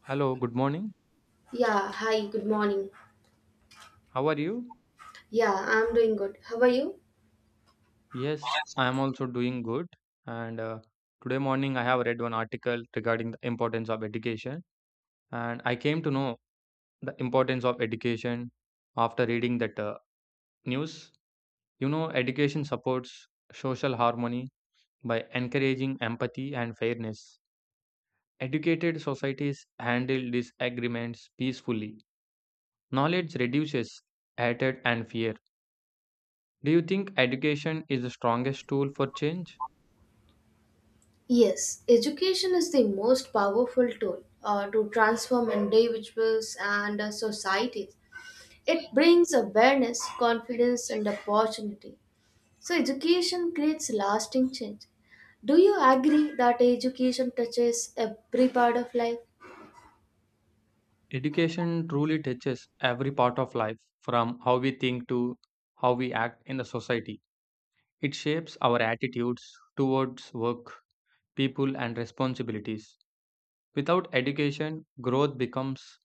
Hello, good morning. Yeah, hi, good morning. How are you? Yeah, I'm doing good. How are you? Yes, I am also doing good. And today morning, I have read one article regarding the importance of education. And I came to know the importance of education after reading that news. You know, education supports social harmony by encouraging empathy and fairness. Educated societies handle disagreements peacefully. Knowledge reduces hatred and fear. Do you think education is the strongest tool for change? Yes, education is the most powerful tool to transform individuals and societies. It brings awareness, confidence, and opportunity. So, education creates lasting change. Do you agree that education touches every part of life? Education truly touches every part of life, from how we think to how we act in the society. It shapes our attitudes towards work, people, and responsibilities. Without education, growth becomes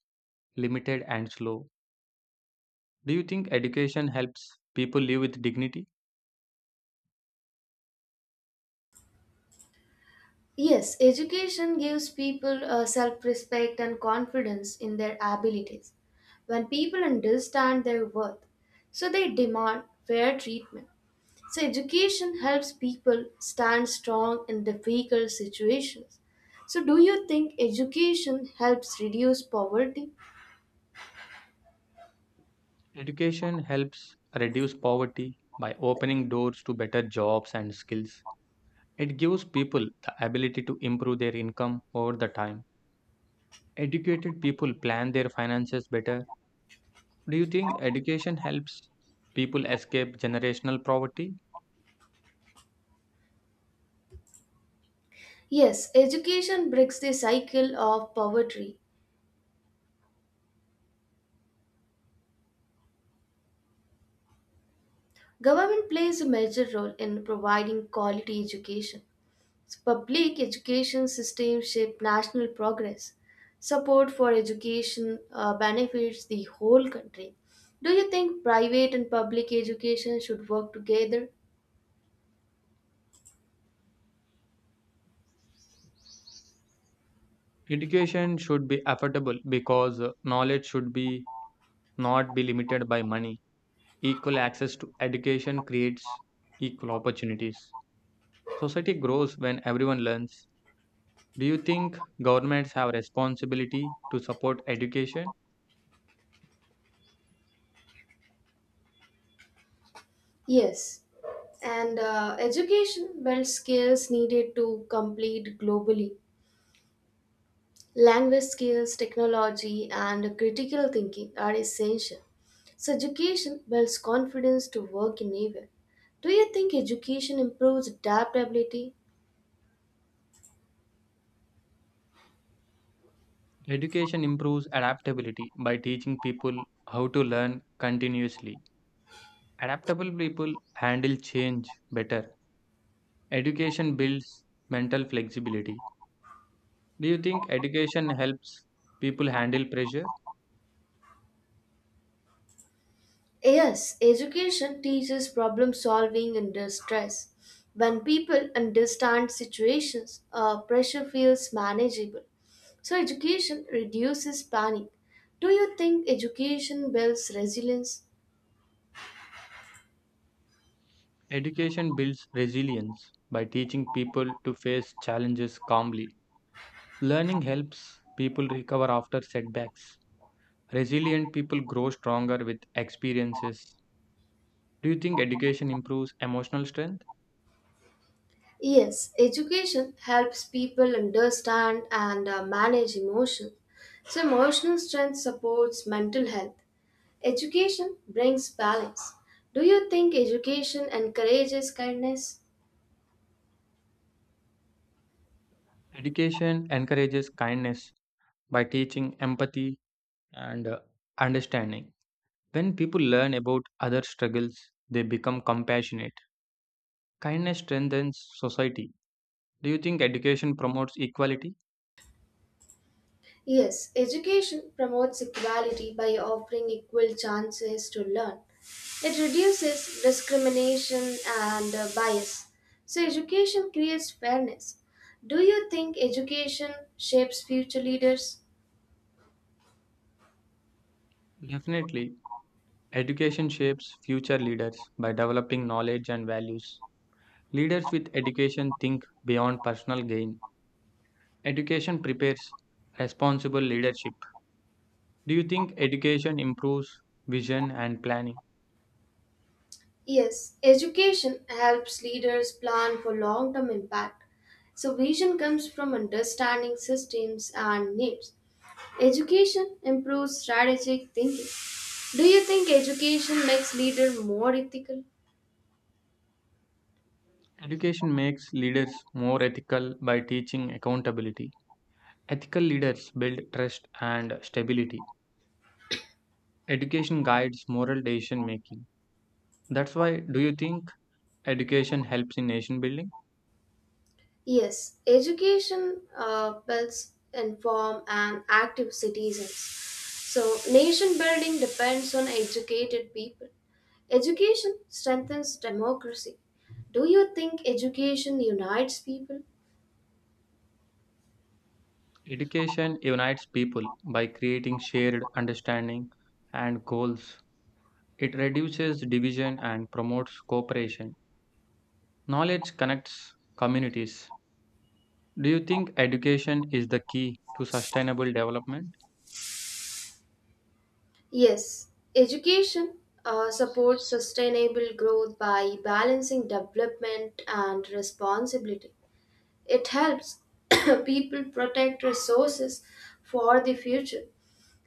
limited and slow. Do you think education helps people live with dignity? Yes, education gives people self respect and confidence in their abilities. When people understand their worth, so they demand fair treatment. So, education helps people stand strong in difficult situations. So, do you think education helps reduce poverty? Education helps reduce poverty by opening doors to better jobs and skills. It gives people the ability to improve their income over the time. Educated people plan their finances better. Do you think education helps people escape generational poverty? Yes, education breaks the cycle of poverty. Government plays a major role in providing quality education. So public education system shape national progress. Support for education benefits the whole country. Do you think private and public education should work together? Education should be affordable because knowledge should be not be limited by money. Equal access to education creates equal opportunities. Society grows when everyone learns. Do you think governments have responsibility to support education? Yes, and education builds skills needed to complete globally. Language skills, technology, and critical thinking are essential. So, education builds confidence to work in anywhere. Do you think education improves adaptability? Education improves adaptability by teaching people how to learn continuously. Adaptable people handle change better. Education builds mental flexibility. Do you think education helps people handle pressure? Yes, education teaches problem solving under stress. When people understand situations, pressure feels manageable. So, education reduces panic. Do you think education builds resilience? Education builds resilience by teaching people to face challenges calmly. Learning helps people recover after setbacks. Resilient people grow stronger with experiences. Do you think education improves emotional strength? Yes, education helps people understand and manage emotions. So, emotional strength supports mental health. Education brings balance. Do you think education encourages kindness? Education encourages kindness by teaching empathy and understanding. When people learn about other struggles, they become compassionate. Kindness strengthens society. Do you think education promotes equality? Yes, education promotes equality by offering equal chances to learn. It reduces discrimination and bias. So, education creates fairness. Do you think education shapes future leaders? Definitely. Education shapes future leaders by developing knowledge and values. Leaders with education think beyond personal gain. Education prepares responsible leadership. Do you think education improves vision and planning? Yes, education helps leaders plan for long term impact. So, vision comes from understanding systems and needs. Education improves strategic thinking. Do you think education makes leaders more ethical? Education makes leaders more ethical by teaching accountability. Ethical leaders build trust and stability. Education guides moral decision making. That's why, do you think education helps in nation building? Yes, education builds informed and active citizens. So, nation building depends on educated people. Education strengthens democracy. Do you think education unites people? Education unites people by creating shared understanding and goals. It reduces division and promotes cooperation. Knowledge connects communities. Do you think education is the key to sustainable development? Yes, education supports sustainable growth by balancing development and responsibility. It helps people protect resources for the future.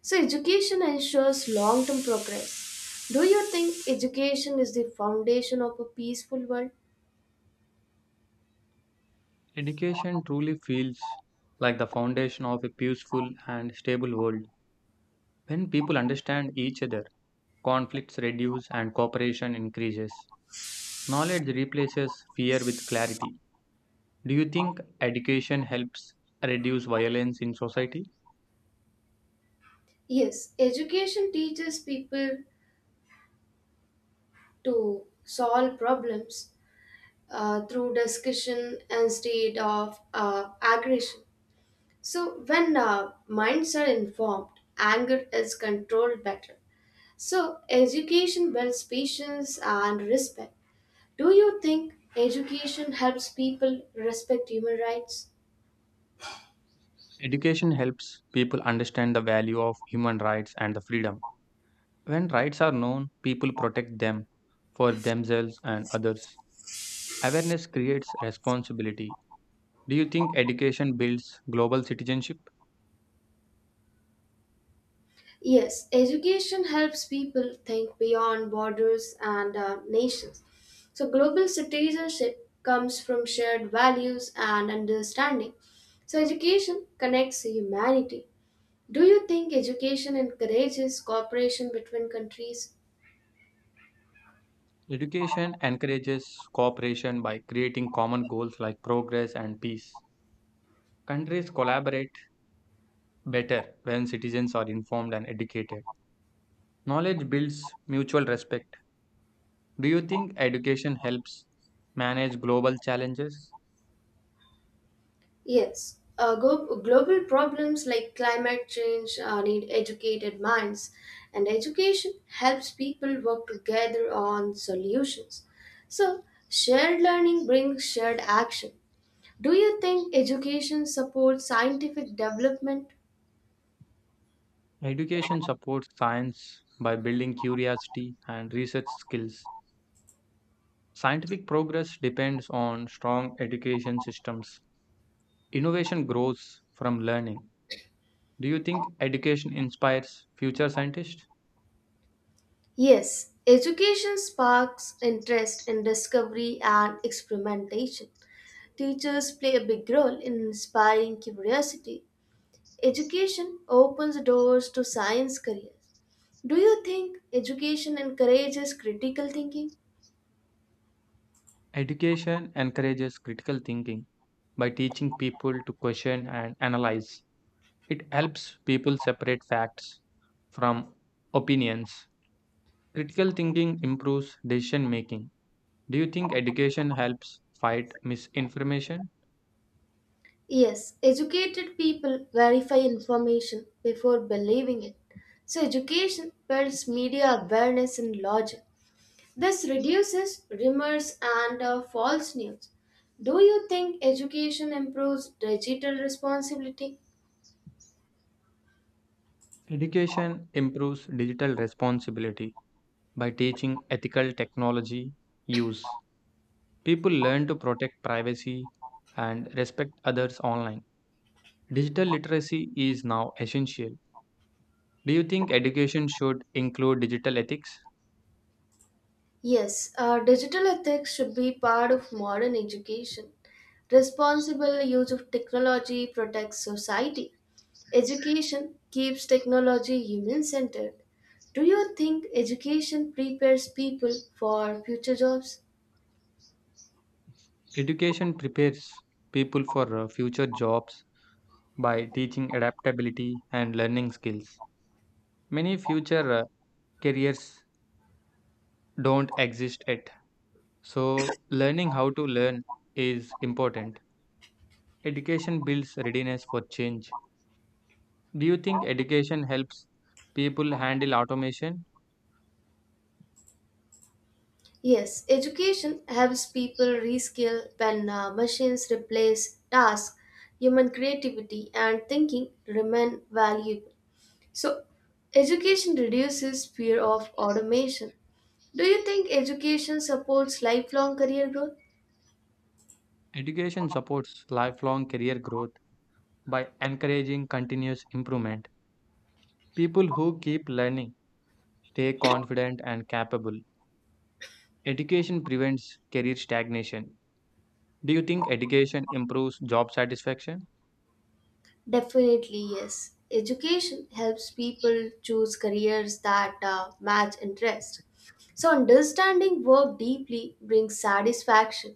So, education ensures long term progress. Do you think education is the foundation of a peaceful world? Education truly feels like the foundation of a peaceful and stable world. When people understand each other, conflicts reduce and cooperation increases. Knowledge replaces fear with clarity. Do you think education helps reduce violence in society? Yes, education teaches people to solve problems through discussion instead of aggression. So, when minds are informed, anger is controlled better. So, education builds patience and respect. Do you think education helps people respect human rights? Education helps people understand the value of human rights and the freedom. When rights are known, people protect them for themselves and others. Awareness creates responsibility. Do you think education builds global citizenship? Yes, education helps people think beyond borders and nations. So, global citizenship comes from shared values and understanding. So, education connects humanity. Do you think education encourages cooperation between countries? Education encourages cooperation by creating common goals like progress and peace. Countries collaborate better when citizens are informed and educated. Knowledge builds mutual respect. Do you think education helps manage global challenges? Yes, global problems like climate change need educated minds, and education helps people work together on solutions. So, shared learning brings shared action. Do you think education supports scientific development? Education supports science by building curiosity and research skills. Scientific progress depends on strong education systems. Innovation grows from learning. Do you think education inspires future scientists? Yes, education sparks interest in discovery and experimentation. Teachers play a big role in inspiring curiosity. Education opens doors to science careers. Do you think education encourages critical thinking? Education encourages critical thinking by teaching people to question and analyze. It helps people separate facts from opinions. Critical thinking improves decision making. Do you think education helps fight misinformation? Yes, educated people verify information before believing it. So, education builds media awareness and logic. This reduces rumors and false news. Do you think education improves digital responsibility? Education improves digital responsibility by teaching ethical technology use. People learn to protect privacy and respect others online. Digital literacy is now essential. Do you think education should include digital ethics? Yes, digital ethics should be part of modern education. Responsible use of technology protects society. Education keeps technology human centered. Do you think education prepares people for future jobs? Education prepares people for future jobs by teaching adaptability and learning skills. Many future careers don't exist yet. So, learning how to learn is important. Education builds readiness for change. Do you think education helps people handle automation? Yes, education helps people reskill when machines replace tasks, human creativity and thinking remain valuable. So, education reduces fear of automation. Do you think education supports lifelong career growth? Education supports lifelong career growth by encouraging continuous improvement. People who keep learning stay confident and capable. Education prevents career stagnation. Do you think education improves job satisfaction? Definitely, yes. Education helps people choose careers that match interest. So, understanding work deeply brings satisfaction.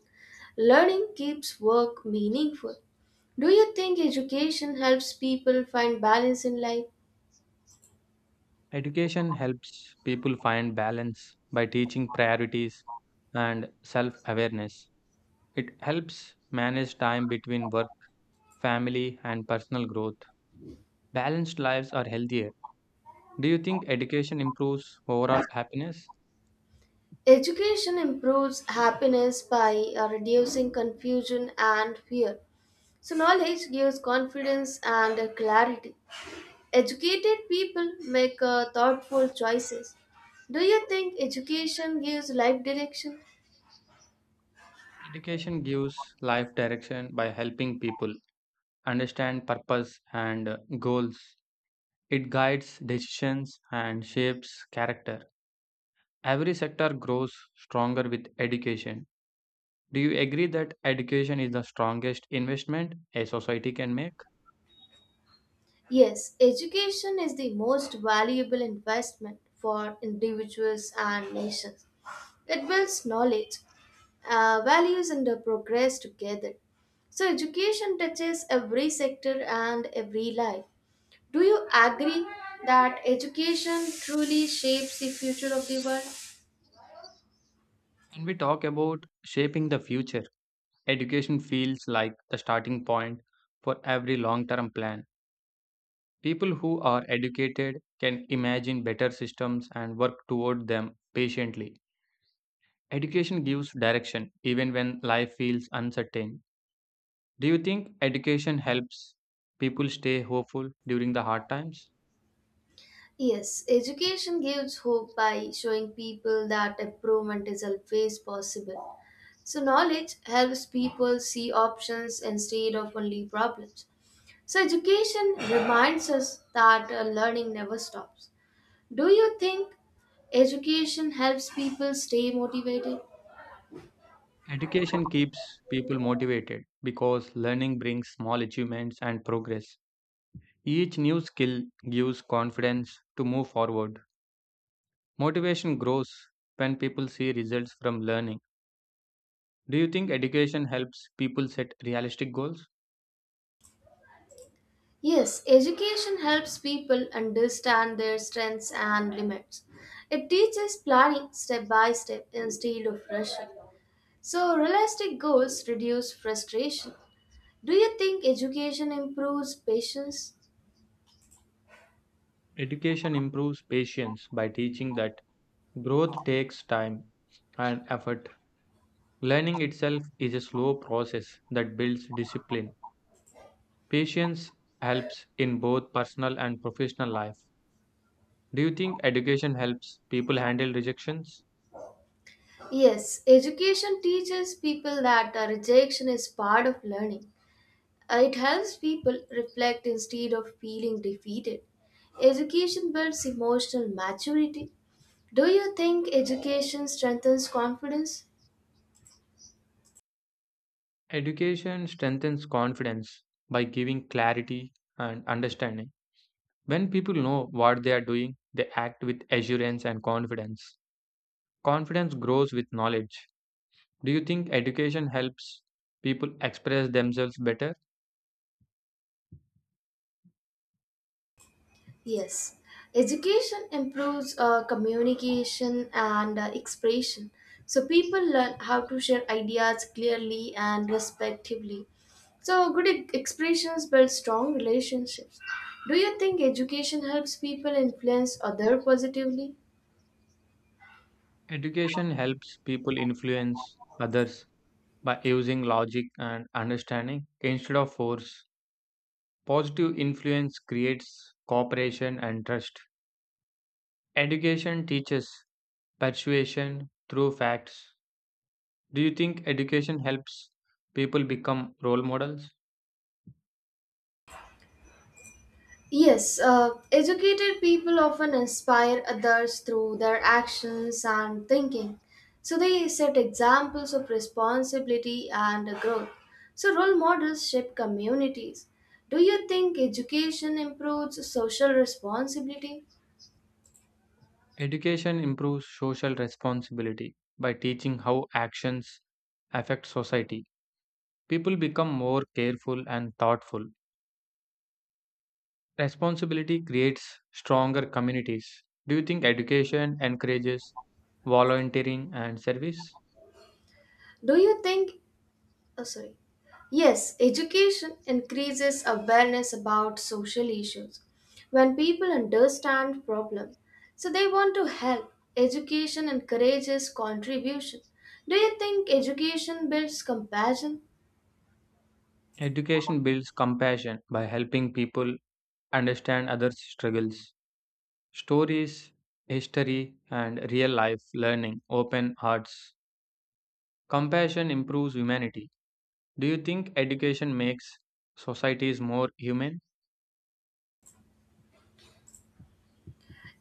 Learning keeps work meaningful. Do you think education helps people find balance in life? Education helps people find balance by teaching priorities and self awareness. It helps manage time between work, family, and personal growth. Balanced lives are healthier. Do you think education improves overall happiness? Education improves happiness by reducing confusion and fear. So, knowledge gives confidence and clarity. Educated people make thoughtful choices. Do you think education gives life direction? Education gives life direction by helping people understand purpose and goals. It guides decisions and shapes character. Every sector grows stronger with education. Do you agree that education is the strongest investment a society can make? Yes, education is the most valuable investment for individuals and nations. It builds knowledge, values, and progress together. So, education touches every sector and every life. Do you agree that education truly shapes the future of the world? When we talk about shaping the future, education feels like the starting point for every long term plan. People who are educated can imagine better systems and work toward them patiently. Education gives direction even when life feels uncertain. Do you think education helps people stay hopeful during the hard times? Yes, education gives hope by showing people that improvement is always possible. So, knowledge helps people see options instead of only problems. So, education reminds us that learning never stops. Do you think education helps people stay motivated? Education keeps people motivated because learning brings small achievements and progress. Each new skill gives confidence to move forward. Motivation grows when people see results from learning. Do you think education helps people set realistic goals? Yes, education helps people understand their strengths and limits. It teaches planning step by step instead of rushing. So, realistic goals reduce frustration. Do you think education improves patience? Education improves patience by teaching that growth takes time and effort. Learning itself is a slow process that builds discipline. Patience helps in both personal and professional life. Do you think education helps people handle rejections? Yes, education teaches people that rejection is part of learning. It helps people reflect instead of feeling defeated. Education builds emotional maturity. Do you think education strengthens confidence? Education strengthens confidence by giving clarity and understanding. When people know what they are doing, they act with assurance and confidence. Confidence grows with knowledge. Do you think education helps people express themselves better? Yes, education improves communication and expression. So people learn how to share ideas clearly and respectively. So good expressions build strong relationships. Do you think education helps people influence other positively? Education helps people influence others by using logic and understanding instead of force. Positive influence creates cooperation and trust. Education teaches persuasion through facts. Do you think education helps people become role models? Yes, educated people often inspire others through their actions and thinking. So they set examples of responsibility and growth. So role models shape communities. Do you think education improves social responsibility? Education improves social responsibility by teaching how actions affect society. People become more careful and thoughtful. Responsibility creates stronger communities. Do you think education encourages volunteering and service? Do you think Oh, sorry. Yes, education increases awareness about social issues. When people understand problem, so they want to help. Education encourages contribution. Do you think education builds compassion? Education builds compassion by helping people understand others' struggles. Stories, history, and real life learning open hearts. Compassion improves humanity. Do you think education makes societies more human?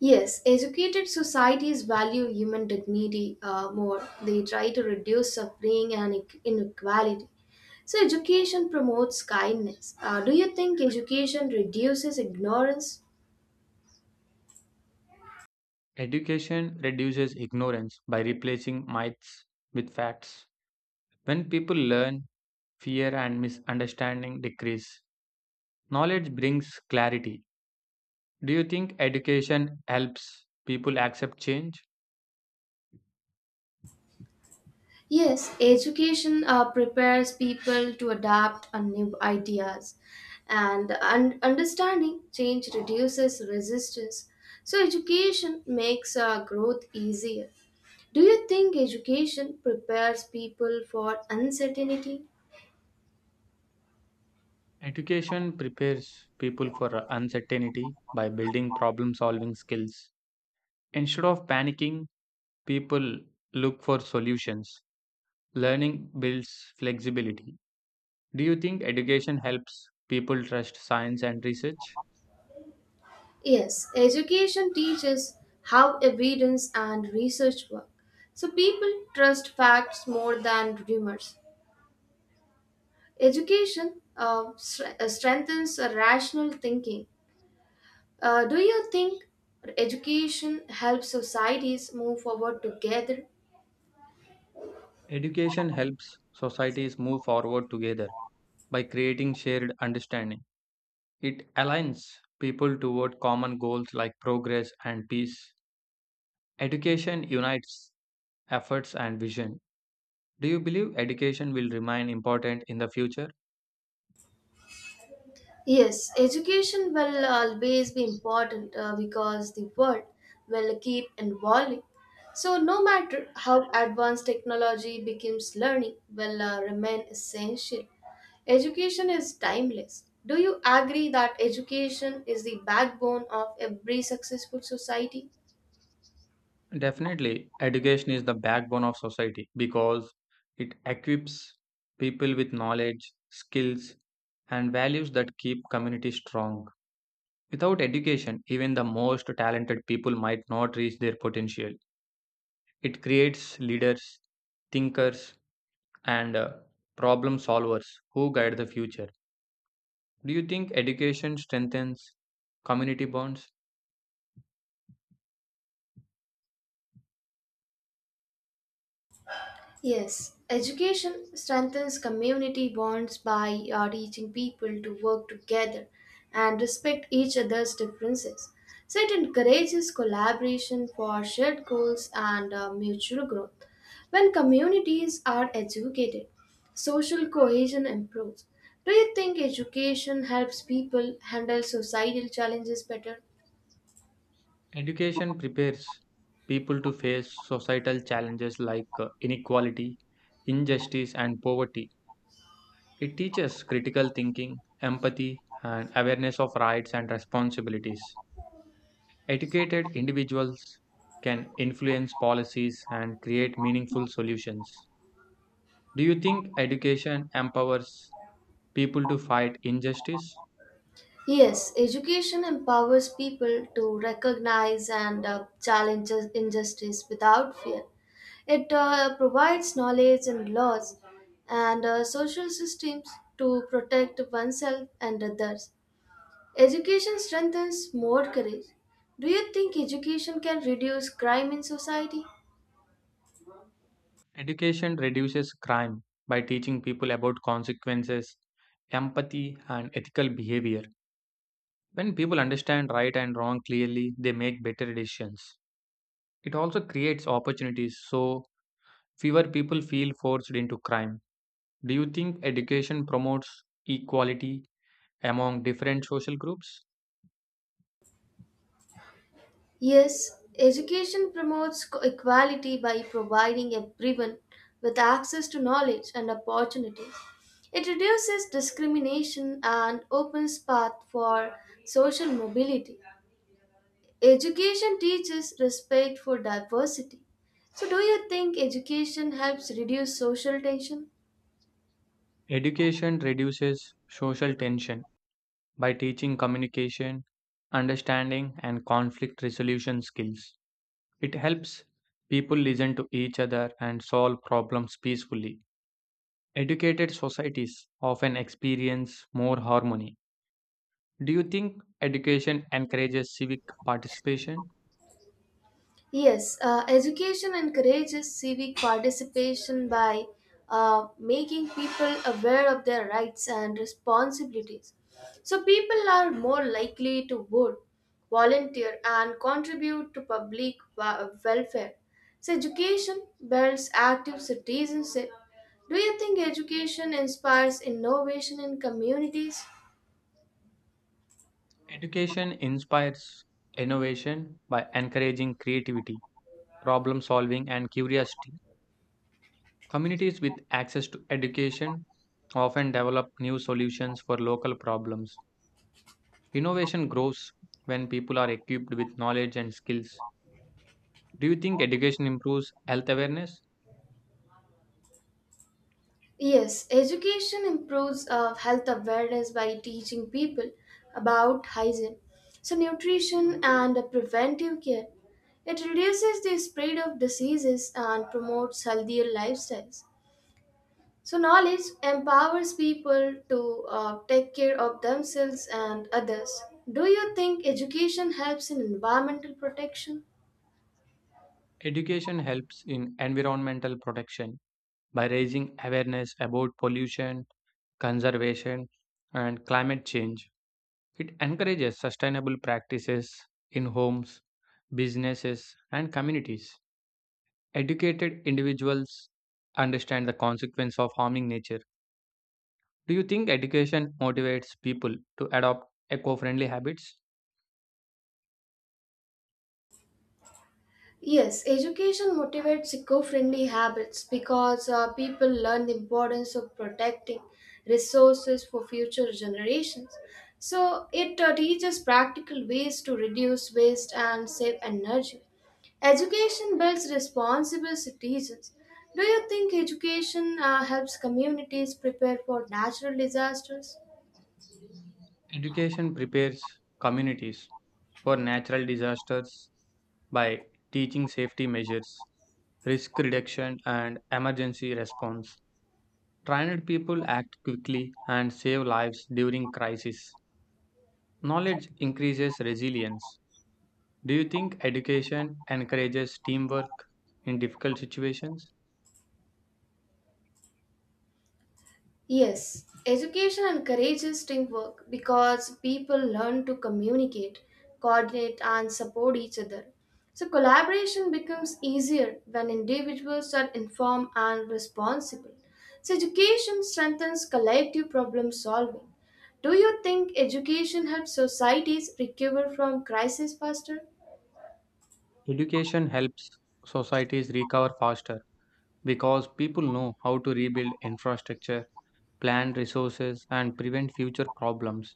Yes, educated societies value human dignity more. They try to reduce suffering and inequality. So, education promotes kindness. Do you think education reduces ignorance? Education reduces ignorance by replacing myths with facts. When people learn, fear and misunderstanding decrease. Knowledge brings clarity. Do you think education helps people accept change? Yes, education prepares people to adapt on new ideas, and understanding change reduces resistance. So, education makes growth easier. Do you think education prepares people for uncertainty? Education prepares people for uncertainty by building problem solving skills. Instead of panicking, people look for solutions. Learning builds flexibility. Do you think education helps people trust science and research? Yes, education teaches how evidence and research work. So, people trust facts more than rumors. Education strengthens rational thinking. Do you think education helps societies move forward together? Education helps societies move forward together by creating shared understanding. It aligns people toward common goals like progress and peace. Education unites efforts and vision. Do you believe education will remain important in the future? Yes, education will always be important because the world will keep evolving. So, no matter how advanced technology becomes, learning will remain essential. Education is timeless. Do you agree that education is the backbone of every successful society? Definitely, education is the backbone of society because it equips people with knowledge, skills, and values that keep communities strong. Without education, even the most talented people might not reach their potential. It creates leaders, thinkers, and problem solvers who guide the future. Do you think education strengthens community bonds? Yes, education strengthens community bonds by teaching people to work together and respect each other's differences. So it encourages collaboration for shared goals and mutual growth. When communities are educated, social cohesion improves. Do you think education helps people handle societal challenges better? Education prepares people to face societal challenges like inequality, injustice, and poverty. It teaches critical thinking, empathy, and awareness of rights and responsibilities. Educated individuals can influence policies and create meaningful solutions. Do you think education empowers people to fight injustice? Yes, education empowers people to recognize and challenge injustice without fear. It provides knowledge and laws and social systems to protect oneself and others. Education strengthens more courage. Do you think education can reduce crime in society? Education reduces crime by teaching people about consequences, empathy, and ethical behavior. When people understand right and wrong clearly, they make better decisions. It also creates opportunities so fewer people feel forced into crime. Do you think education promotes equality among different social groups? Yes, education promotes equality by providing everyone with access to knowledge and opportunities. It reduces discrimination and opens path for social mobility. Education teaches respect for diversity. So do you think education helps reduce social tension? Education reduces social tension by teaching communication, understanding, and conflict resolution skills. It helps people listen to each other and solve problems peacefully. Educated societies often experience more harmony. Do you think education encourages civic participation? Yes, education encourages civic participation by making people aware of their rights and responsibilities. So, people are more likely to vote, volunteer, and contribute to public welfare. So, education builds active citizenship. Do you think education inspires innovation in communities? Education inspires innovation by encouraging creativity, problem solving, and curiosity. Communities with access to education often develop new solutions for local problems. Innovation grows when people are equipped with knowledge and skills. Do you think education improves health awareness? Yes, education improves health awareness by teaching people about hygiene, so nutrition and preventive care. It reduces the spread of diseases and promotes healthier lifestyles. So, knowledge empowers people to take care of themselves and others. Do you think education helps in environmental protection? Education helps in environmental protection by raising awareness about pollution conservation, and climate change. It encourages sustainable practices in homes, businesses, and communities. Educated individuals understand the consequence of harming nature. Do you think education motivates people to adopt eco friendly habits? Yes, education motivates eco-friendly habits because people learn the importance of protecting resources for future generations. So it teaches practical ways to reduce waste and save energy. Education builds responsible citizens. Do you think education helps communities prepare for natural disasters? Education prepares communities for natural disasters by teaching safety measures, risk reduction, and emergency response. Trained people act quickly and save lives during crisis. Knowledge increases resilience. Do you think education encourages teamwork in difficult situations? Yes, education encourages teamwork because people learn to communicate, coordinate, and support each other. So, collaboration becomes easier when individuals are informed and responsible. So, education strengthens collective problem solving. Do you think education helps societies recover from crisis faster? Education helps societies recover faster because people know how to rebuild infrastructure, plan resources, and prevent future problems.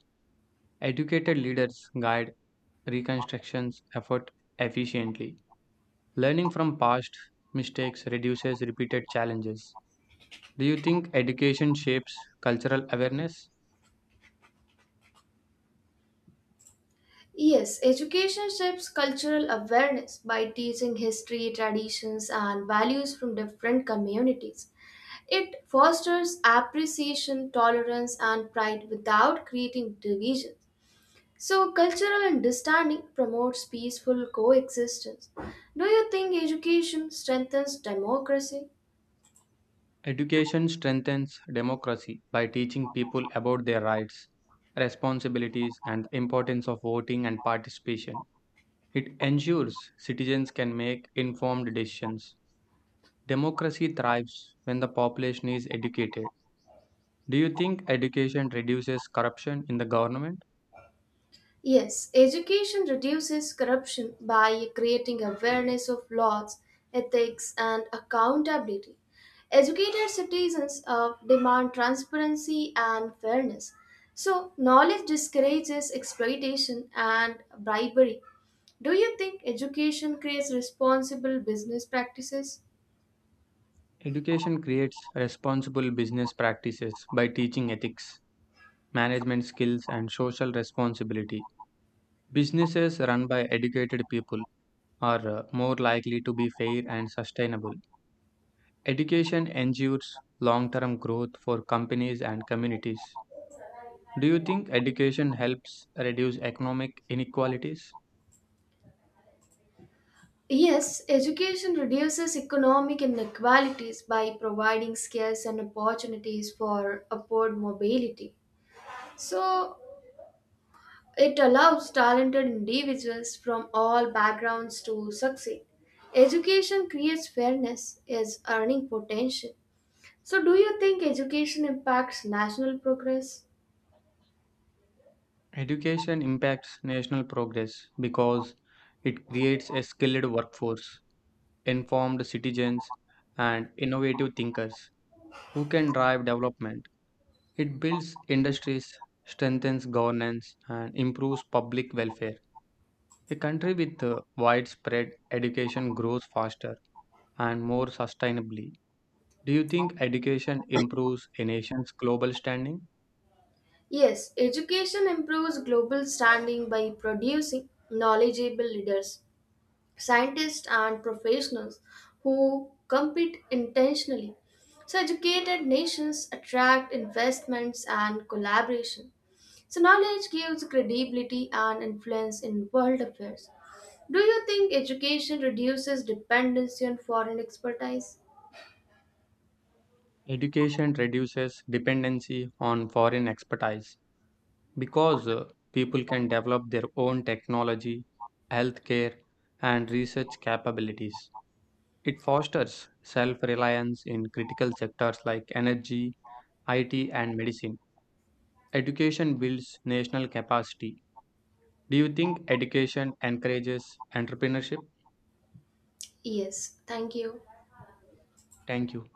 Educated leaders guide reconstructions effort efficiently. Learning from past mistakes reduces repeated challenges. Do you think education shapes cultural awareness? Yes, education shapes cultural awareness by teaching history, traditions, and values from different communities. It fosters appreciation, tolerance, and pride without creating division. So, cultural understanding promotes peaceful coexistence. Do you think education strengthens democracy? Education strengthens democracy by teaching people about their rights, responsibilities, and the importance of voting and participation. It ensures citizens can make informed decisions. Democracy thrives when the population is educated. Do you think education reduces corruption in the government? Yes, education reduces corruption by creating awareness of laws, ethics, and accountability. Educated citizens demand transparency and fairness. So, knowledge discourages exploitation and bribery. Do you think education creates responsible business practices? Education creates responsible business practices by teaching ethics, management skills, and social responsibility. Businesses run by educated people are more likely to be fair and sustainable. Education ensures long term growth for companies and communities. Do you think education helps reduce economic inequalities? Yes, education reduces economic inequalities by providing skills and opportunities for upward mobility. So, it allows talented individuals from all backgrounds to succeed. Education creates fairness is earning potential. So, do you think education impacts national progress? Education impacts national progress because it creates a skilled workforce, informed citizens, and innovative thinkers who can drive development. It builds industries, strengthens governance, and improves public welfare. A country with widespread education grows faster and more sustainably. Do you think education improves a nation's global standing? Yes, education improves global standing by producing knowledgeable leaders, scientists, and professionals who compete intentionally. So, educated nations attract investments and collaboration. So knowledge gives credibility and influence in world affairs. Do you think education reduces dependency on foreign expertise? Education reduces dependency on foreign expertise because people can develop their own technology, healthcare, and research capabilities. It fosters self reliance in critical sectors like energy, IT, and medicine. Education builds national capacity. Do you think education encourages entrepreneurship? Yes, thank you. Thank you.